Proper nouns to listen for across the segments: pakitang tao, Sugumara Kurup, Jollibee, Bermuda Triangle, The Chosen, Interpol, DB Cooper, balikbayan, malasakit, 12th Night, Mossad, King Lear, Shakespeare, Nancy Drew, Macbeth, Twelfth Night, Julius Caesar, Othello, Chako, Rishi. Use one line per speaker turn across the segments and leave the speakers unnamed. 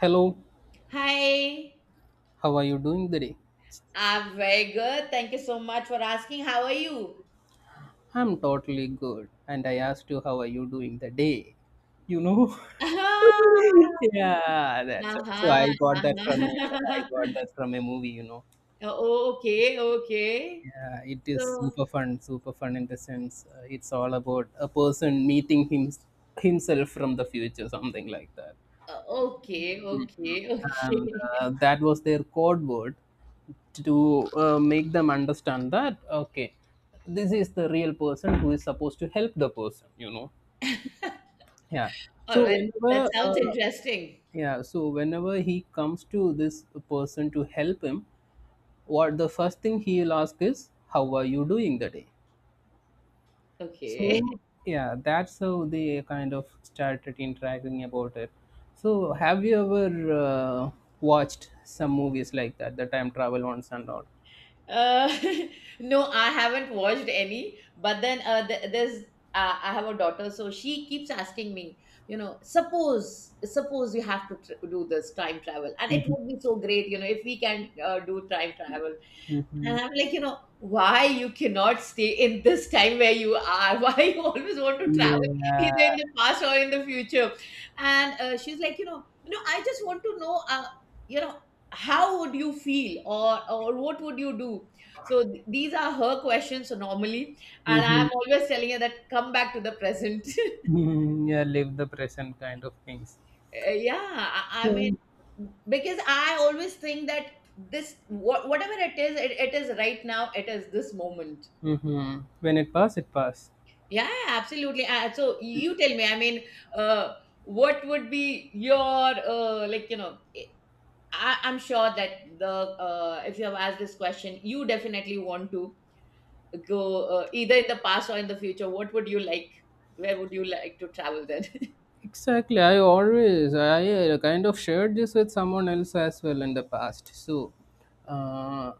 Hello,
Hi,
how are you doing today?
I'm very good. Thank you so much for asking. How are you?
I'm totally good. And I asked you, how are you doing the day? You know? Yeah,
Ah,
that's it. So
uh-huh,
I
uh-huh.
got that from a movie.
Oh, okay, okay.
Yeah, it is
So,
super fun in the sense it's all about a person meeting himself from the future, something like that.
okay, okay,
And
okay.
uh, that was their code word to make them understand that, okay, this is the real person who is supposed to help the person. Yeah. so
All right,
whenever
that sounds
uh,
interesting.
yeah so whenever he comes to this person to help him, what the first thing he will ask is, how are you doing the day? So,
Okay.
yeah, that's how they kind of started interacting about it. So, have you ever watched some movies like that, the time travel ones and all?
Uh, no, I haven't watched any. But then there's I have a daughter, so she keeps asking me, you know, suppose you have to do this time travel, and it
Mhm.
would be so great, you know, if we can do time travel. And I'm like, you know, why you cannot stay in this time where you are? Why you always want to travel either
Yeah.
in the past or in the future? And she's like, you know, no, I just want to know, you know, how would you feel or what would you do? So these are her questions normally, and
Mhm.
I'm always telling her that come back to the present.
Mhm. Yeah, live the present kind of things.
Yeah, I mean, because I always think that this whatever it is, it is right now. It is this moment.
Mm-hmm. When it pass, it pass.
Yeah, absolutely. So you tell me, I mean, uh, what would be your like, I'm sure that the if you have asked this question, you definitely want to go either in the past or in the future. What would you like? Where would you like to travel then?
Exactly. I always, I kind of shared this with someone else as well in the past. So, uh,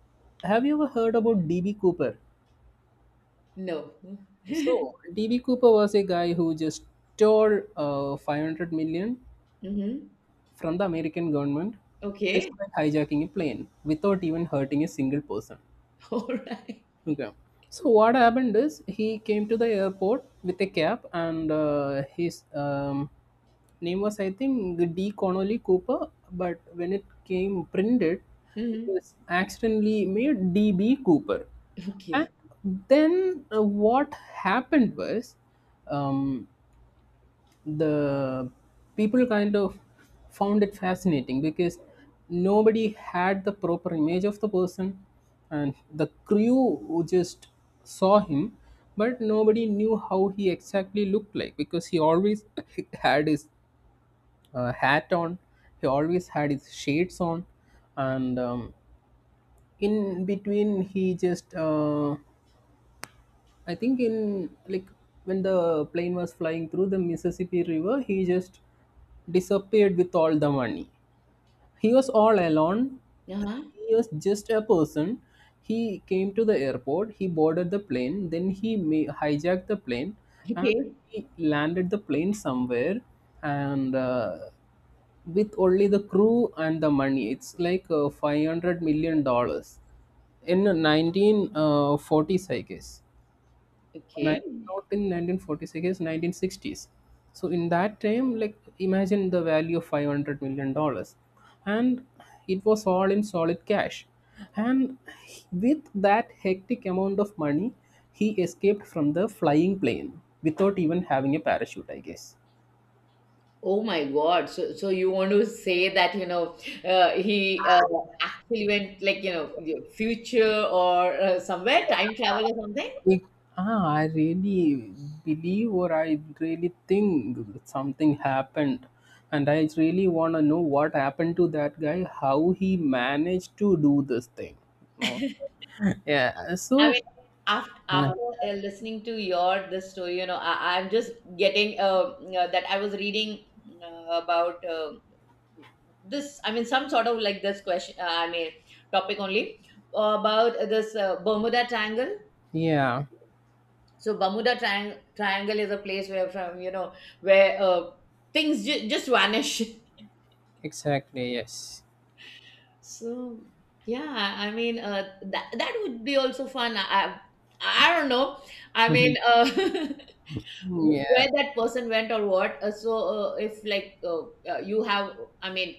have you ever heard about DB Cooper?
No.
So DB Cooper was a guy who just stole 500 million
Mm-hmm.
from the American government just
Okay.
by hijacking a plane without even hurting a single person.
All right.
Okay. So what happened is he came to the airport with a cab, and his name was, I think, D Connolly Cooper, but when it came printed, it
Mm-hmm.
was accidentally made DB Cooper. And
Okay.
then what happened was, um, the people kind of found it fascinating because nobody had the proper image of the person and the crew who just saw him, but nobody knew how he exactly looked like, because he always had his hat on. He always had his shades on. And in between, he just I think, in like, when the plane was flying through the Mississippi River, he just disappeared with all the money. He was all alone.
Uh-huh.
He was just a person. He came to the airport. He boarded the plane. Then he hijacked the plane, and
Okay.
he landed the plane somewhere. And with only the crew and the money, it's like $500 million in 1940s, I guess. Ni-
Okay.
Not in 1946, 1960s. So in that time, like, imagine the value of $500 million. And it was all in solid cash. And with that hectic amount of money, he escaped from the flying plane without even having a parachute, I guess.
Oh my God. So, you want to say that, he actually went like, future or somewhere, time travel or something?
It, I really believe, or I really think, something happened. And I really want to know what happened to that guy, how he managed to do this thing. No. Yeah.
I mean,
So,
after,
yeah,
after uh, listening to your this story, I'm just getting that I was reading about this. I mean, some sort of like this question. I mean, topic only about this Bermuda Triangle.
yeah,
So Bermuda triangle is a place where from, where things just vanish.
exactly. Yes.
So yeah, I mean, that would be also fun. I don't know, I
Mhm.
mean,
Yeah.
where that person went or what, so if like you have, I mean,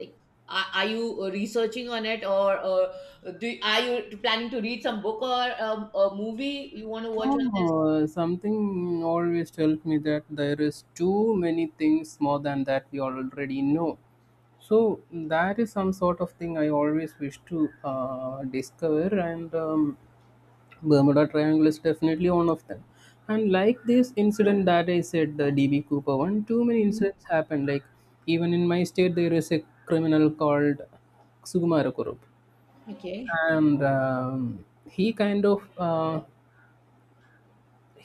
like, are you researching on it, or do are you planning to read some book or a movie you want to watch on this?
No, something always tells me that there is too many things more than that we already know. So that is some sort of thing I always wish to discover. And Bermuda Triangle is definitely one of them. And like this incident that I said, the DB Cooper one, too many
Mhm.
incidents happen. Like, even in my state, there is a criminal called Sugumara Kurup,
Okay.
and he kind of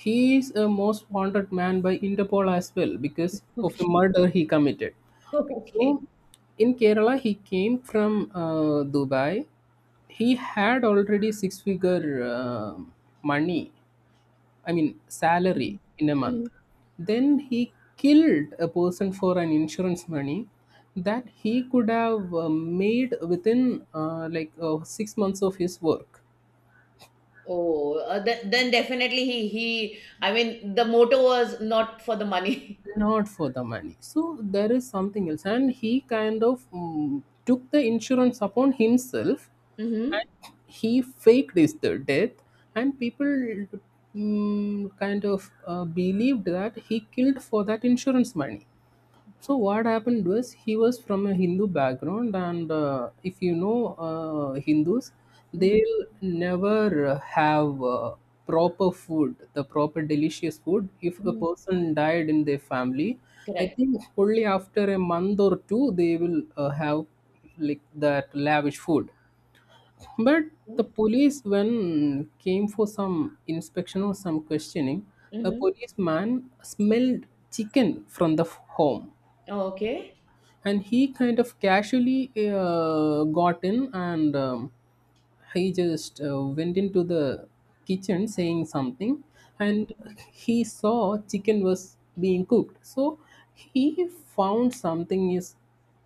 he is a most wanted man by Interpol as well because of a
Okay.
murder he committed.
Okay.
So in Kerala, he came from Dubai. He had already six figure money, I mean, salary
Mhm.
in a month.
Mhm.
Then he killed a person for an insurance money that he could have made within like, 6 months of his work.
Oh, then definitely he. I mean, the motto was not for the money.
Not for the money, so there is something else. And he kind of took the insurance upon himself.
Mm-hmm.
And he faked his the death. And people kind of believed that he killed for that insurance money. So what happened was, he was from a Hindu background. And if you know Hindus,
Hmm.
they'll never have proper food, the proper delicious food. If a
Hmm.
person died in their family, I
Correct.
think only after a month or two, they will have like that lavish food. But the police, when came for some inspection or some questioning, a
Mm-hmm.
policeman smelled chicken from the home.
Oh, okay.
And he kind of casually got in. And he just went into the kitchen saying something. And he saw chicken was being cooked, so he found something is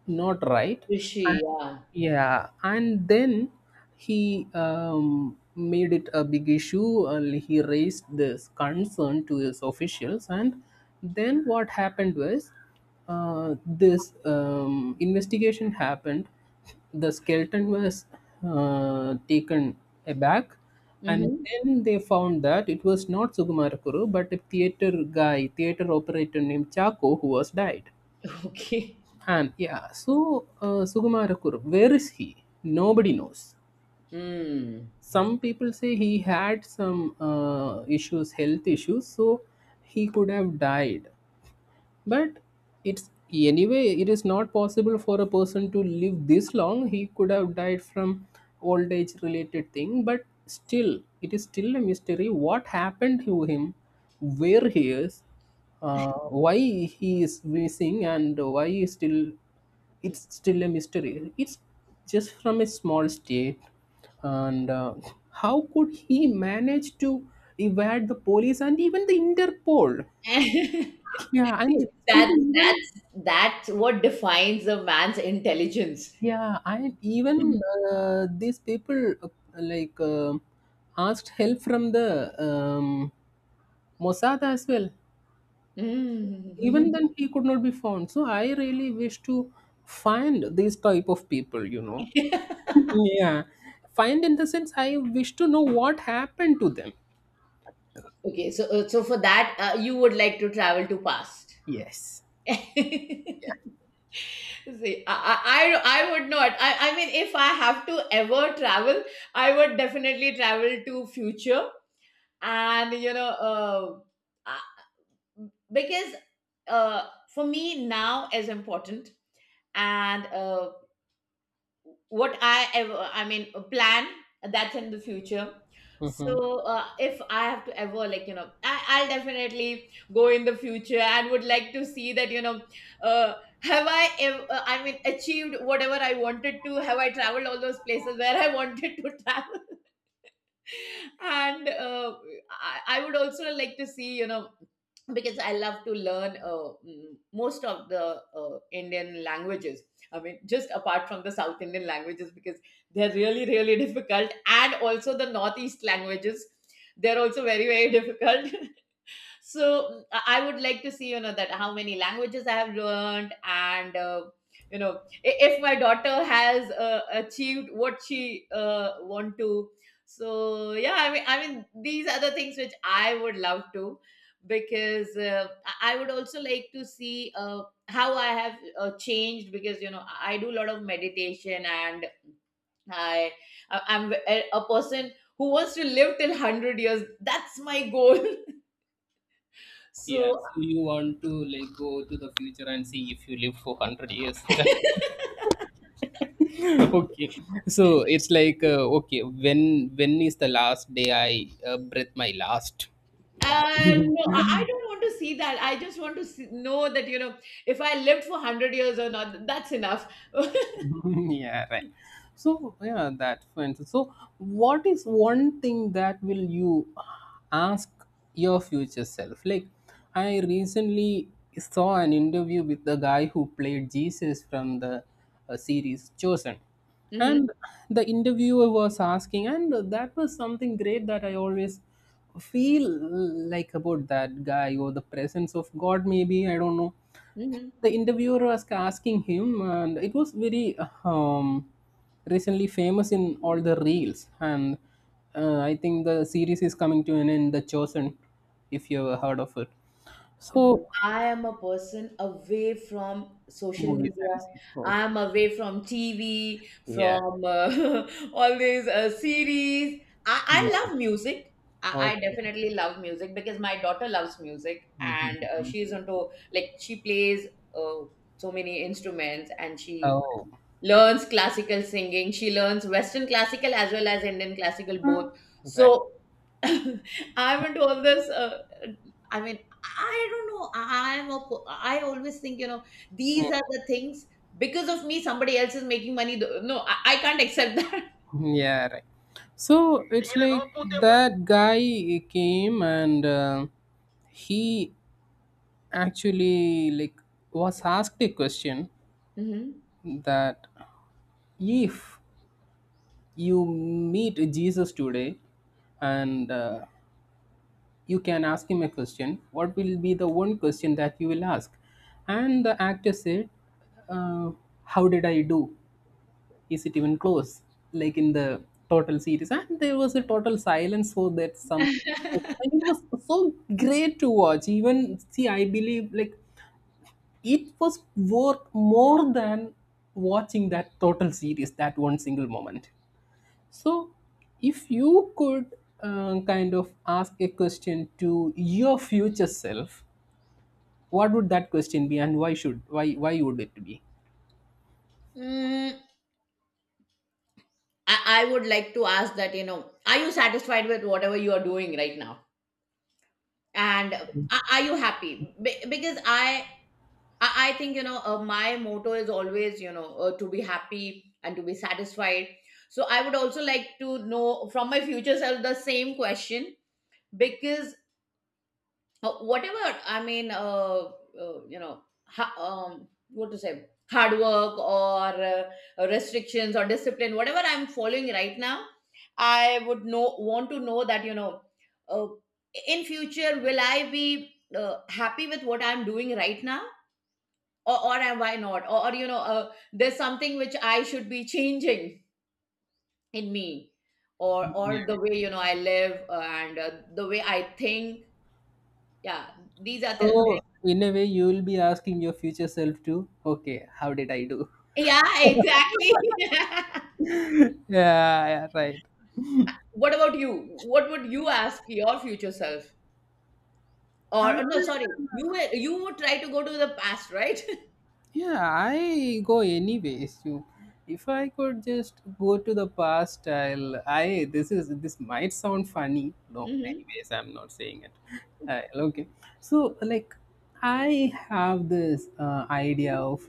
not right. And,
Rishi, yeah.
yeah, and then he made it a big issue, and he raised this concern to his officials. And then what happened was, this investigation happened. The skeleton was taken aback, and
Mm-hmm.
then they found that it was not Sugumarakuru but a theater guy, theater operator named Chako, who was died.
Okay.
And, yeah, so, Sugumarakuru, where is he? Nobody knows.
Hmm.
Some people say he had some issues, health issues, so he could have died. But it's anyway, it is not possible for a person to live this long. He could have died from old age related thing. But still, it is still a mystery what happened to him, where he is, why he is missing, and why he is still. It's still a mystery. It's just from a small state. And how could he manage to evade the police and even the Interpol? Yeah, and
See,
these
that
people even,
that's that's what defines a man's intelligence.
yeah, and even
Mm.
these people like, asked help from the um, Mossad as well.
Mm.
Even then, he could not be found. So I really wish to find these type of people. Yeah, find in the sense I wish to know what happened to them.
Okay, so so for that, you would like to travel to past.
Yes.
See, I would not. I mean, if I have to ever travel, I would definitely travel to future. And, I- because uh, for me now is important. And what I ever, I mean, plan, that's in the future.
Hmm.
So if I have to ever, like, I'll definitely go in the future and would like to see that, uh, have I, I mean, achieved whatever I wanted to? Have I traveled all those places where I wanted to travel? And I would also like to see, because I love to learn most of the Indian languages, I mean, just apart from the South Indian languages because they're really really difficult, and also the northeast languages, they're also very very difficult. So I would like to see, you know, that how many languages I have learned, and you know if my daughter has achieved what she want to. So yeah, I mean, these are the things which I would love to, because I would also like to see uh, how I have changed, because I do a lot of meditation, and i I'm a person who wants to live till 100 years. That's my goal.
Yeah,
So.
so you want to, like, go to the future and see if you live for 100 years. That, okay, so it's like, okay, when is the last day I breathe my last, um,
No, I don't want to see that. I just want to see, know that, if I lived for 100 years or not, that's enough.
yeah, right. So, yeah, that friends. So, what is one thing that will you ask your future self? Like, I recently saw an interview with the guy who played Jesus from the series Chosen. And
Hmm.
the interviewer was asking, and that was something great that I always feel like about that guy or the presence of God, maybe, I don't know.
Hmm.
The interviewer was asking him, and it was very um, recently famous in all the reels. And I think the series is coming to an end, the Chosen, if you ever heard of it.
No,
So,
I am a person away from social
movies
media.
and series.
I
Okay.
am away from TV,
Yeah,
from all these series. I
yeah.
love music. I
Okay.
definitely love music because my daughter loves music, and
Mhm.
she's into, like, she plays uh, so many instruments, and she
Oh,
learns classical singing. She learns Western classical as well as Indian classical both.
right.
So. I haven't always. I mean, I don't know. I always think, these are the things because of me. Somebody else is making money. No, I can't accept that.
Mm, yeah, right. So it's like, that guy came, and he actually, like, was asked a question, that if you meet Jesus today, and you can ask him a question, what will be the one question that you will ask? And the actor said, uh, how did I do? Is it even close? Like, in the total series? And there was a total silence, so that some.
Mhm.
And it was so great to watch, even see, I believe, like, it was worth more than watching that total series, that one single moment. So, if you could kind of ask a question to your future self, what would that question be, and why should why would it be?
Mm, I would like to ask that, are you satisfied with whatever you are doing right now? And are you happy? Because I think, my motto is always, to be happy and to be satisfied. So I would also like to know from my future self the same question, because whatever I mean, what to say, hard work or restrictions or discipline, whatever I'm following right now, I would know want to know that, uh, in future will I be happy with what I'm doing right now? Or am why not, or there's something which I should be changing in me, or
Yeah.
or the way, I live, and the way I think. Yeah, these are the.
So, in a way, you will be asking your future self to, okay, how did I do?
Yeah, exactly.
Yeah, yeah,
What about you? What would you ask your future self? Or,
right.
no, sorry, you would try to go to the past, right?
Yeah, I go anyways. You, if I could just go to the past, I'll. I this is this might sound funny. No,
Hmm.
anyways, I'm not saying it. Okay, so, like, I have this idea of,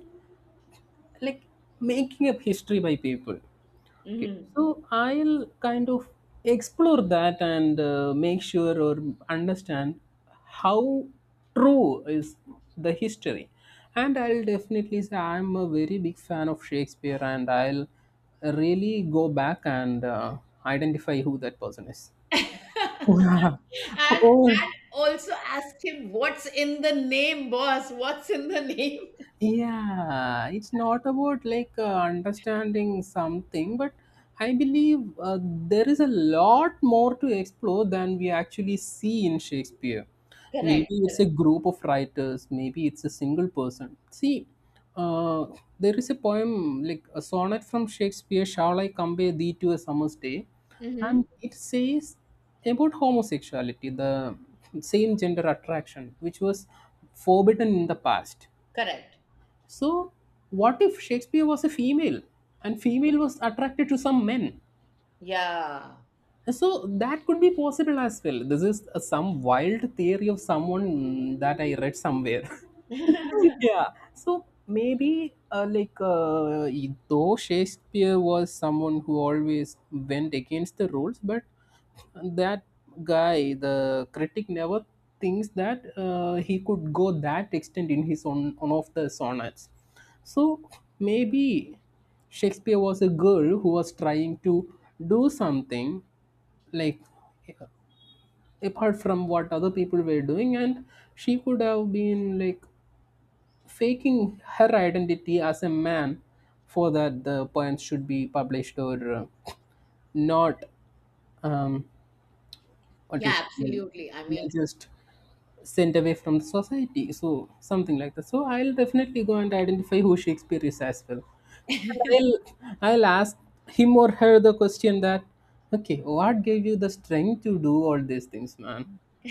like, making up history by people. Okay.
Hmm.
So I'll kind of explore that and make sure, or understand how true is the history. And I'll definitely say I'm a very big fan of Shakespeare, and I'll really go back and identify who that person is. Wow.
And
Oh,
also ask him, what's in the name, boss? What's in the name?
yeah, it's not about like, understanding something, but I believe, there is a lot more to explore than we actually see in Shakespeare.
Correct,
Maybe it's a
correct.
group of writers, maybe it's a single person. See, uh, there is a poem, like a sonnet, from Shakespeare, shall I compare thee to a summer's day, and
Hmm.
it says about homosexuality, the same gender attraction, which was forbidden in the past.
Correct.
So, what if Shakespeare was a female, and female was attracted to some men?
Yeah.
So that could be possible as well. This is some wild theory of someone, that I read somewhere. yeah, so maybe, like, though Shakespeare was someone who always went against the rules, but that guy, the critic, never thinks that he could go that extent in his own one of the sonnets. So maybe Shakespeare was a girl who was trying to do something, like, apart from what other people were doing, and she could have been, like, faking her identity as a man, for that the poems should be published, or not. um, what is.
Yeah, absolutely. I
Yeah,
mean,
just sent away from the society, so something like that. So I'll definitely go and identify who Shakespeare is as well, and I'll ask him or her the question that, okay, what gave you the strength to do all these things, man?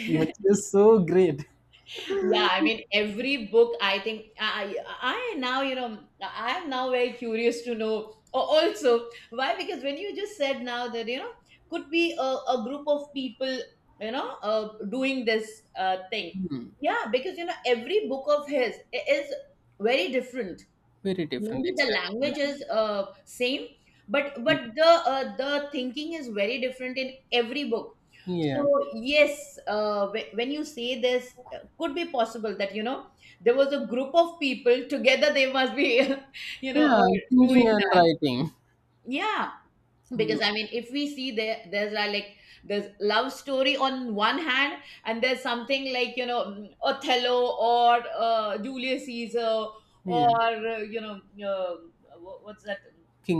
You're just so great.
yeah, I mean, every book, I think, I am now very curious to know also why, because when you just said now that, could be a group of people, doing this thing. Yeah, because, every book of his is very different.
Very different,
Maybe the
exactly.
language
Yeah.
is same, but
Mm,
the thinking is very different in every book. So
yeah,
yes, when you say this could be possible that, there was a group of people together, they must be you know
yeah,
uh,
thinking
doing
and
that.
writing.
Yeah.
Mm,
Because I mean, if we see like there's love story on one hand, and there's something like, Othello or Julius Caesar
yeah,
or uh, what's that,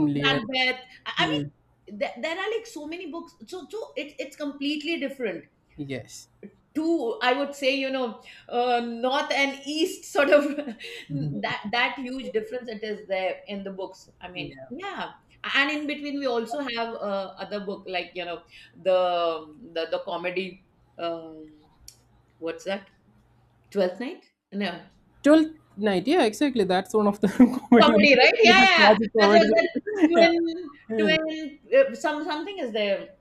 Lear.
Macbeth. i, I
Mm,
mean there are like so many books, so it's completely different.
yes.
Two, I would say, north and east sort of.
Mhm.
That huge difference, it is there in the books, I mean.
Yeah.
Yeah. And in between, we also have other book like, the comedy, um, what's that? Twelfth Night? No.
Twelfth Night. Yeah, exactly. That's one of the comedy ones.
Comedy, right. Yeah,
It's a
yeah, yeah.
classic
That's
comedy.
what that.
Right?
twin
Yeah.
twin something is there.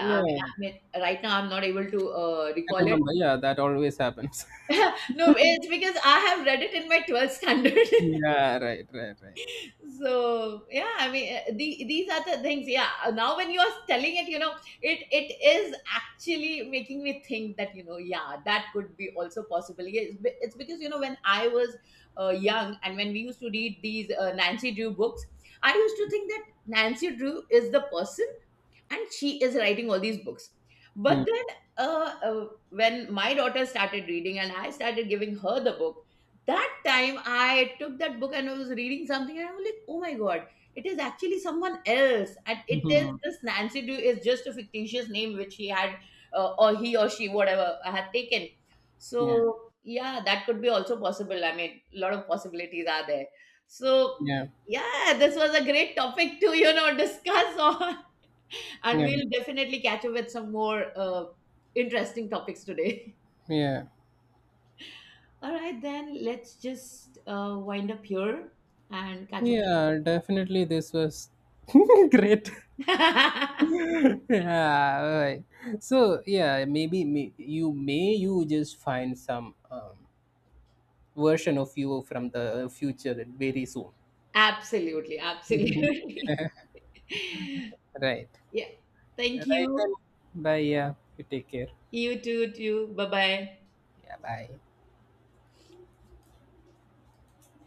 Yeah.
I mean,
Yeah.
right now I'm not able to
I
recall it.
remember. Yeah, that always happens.
No, it's because I have read it in my 12th standard.
Yeah. Right. Right. Right.
So yeah, I mean, these are the things. Yeah, now when you are telling it, it is actually making me think that, yeah, that could be also possible. Yeah, it's because, when I was young and when we used to read these Nancy Drew books, I used to think that Nancy Drew is the person and she is writing all these books. But then when my daughter started reading and I started giving her the book, that time I took that book and I was reading something and I was like, oh my God, it is actually someone else, and it is
Mm-hmm.
this Nancy Drew is just a fictitious name which he had, or he or she, whatever, had taken.
Yeah.
So yeah, that could be also possible. I mean, a lot of possibilities are there. So
Yeah.
yeah, this was a great topic to, discuss on. And
Yeah.
we'll definitely catch up with some more interesting topics today.
Yeah.
All right, then let's just wind up here and catch up.
Yeah. Definitely, this was great. Yeah. Right. So, yeah, maybe, may you just find some version of you from the future very soon.
Absolutely, absolutely.
Right.
Yeah. Thank
Right then.
you.
Bye. Yeah. You take care.
You too, too. Bye bye.
Yeah. Bye.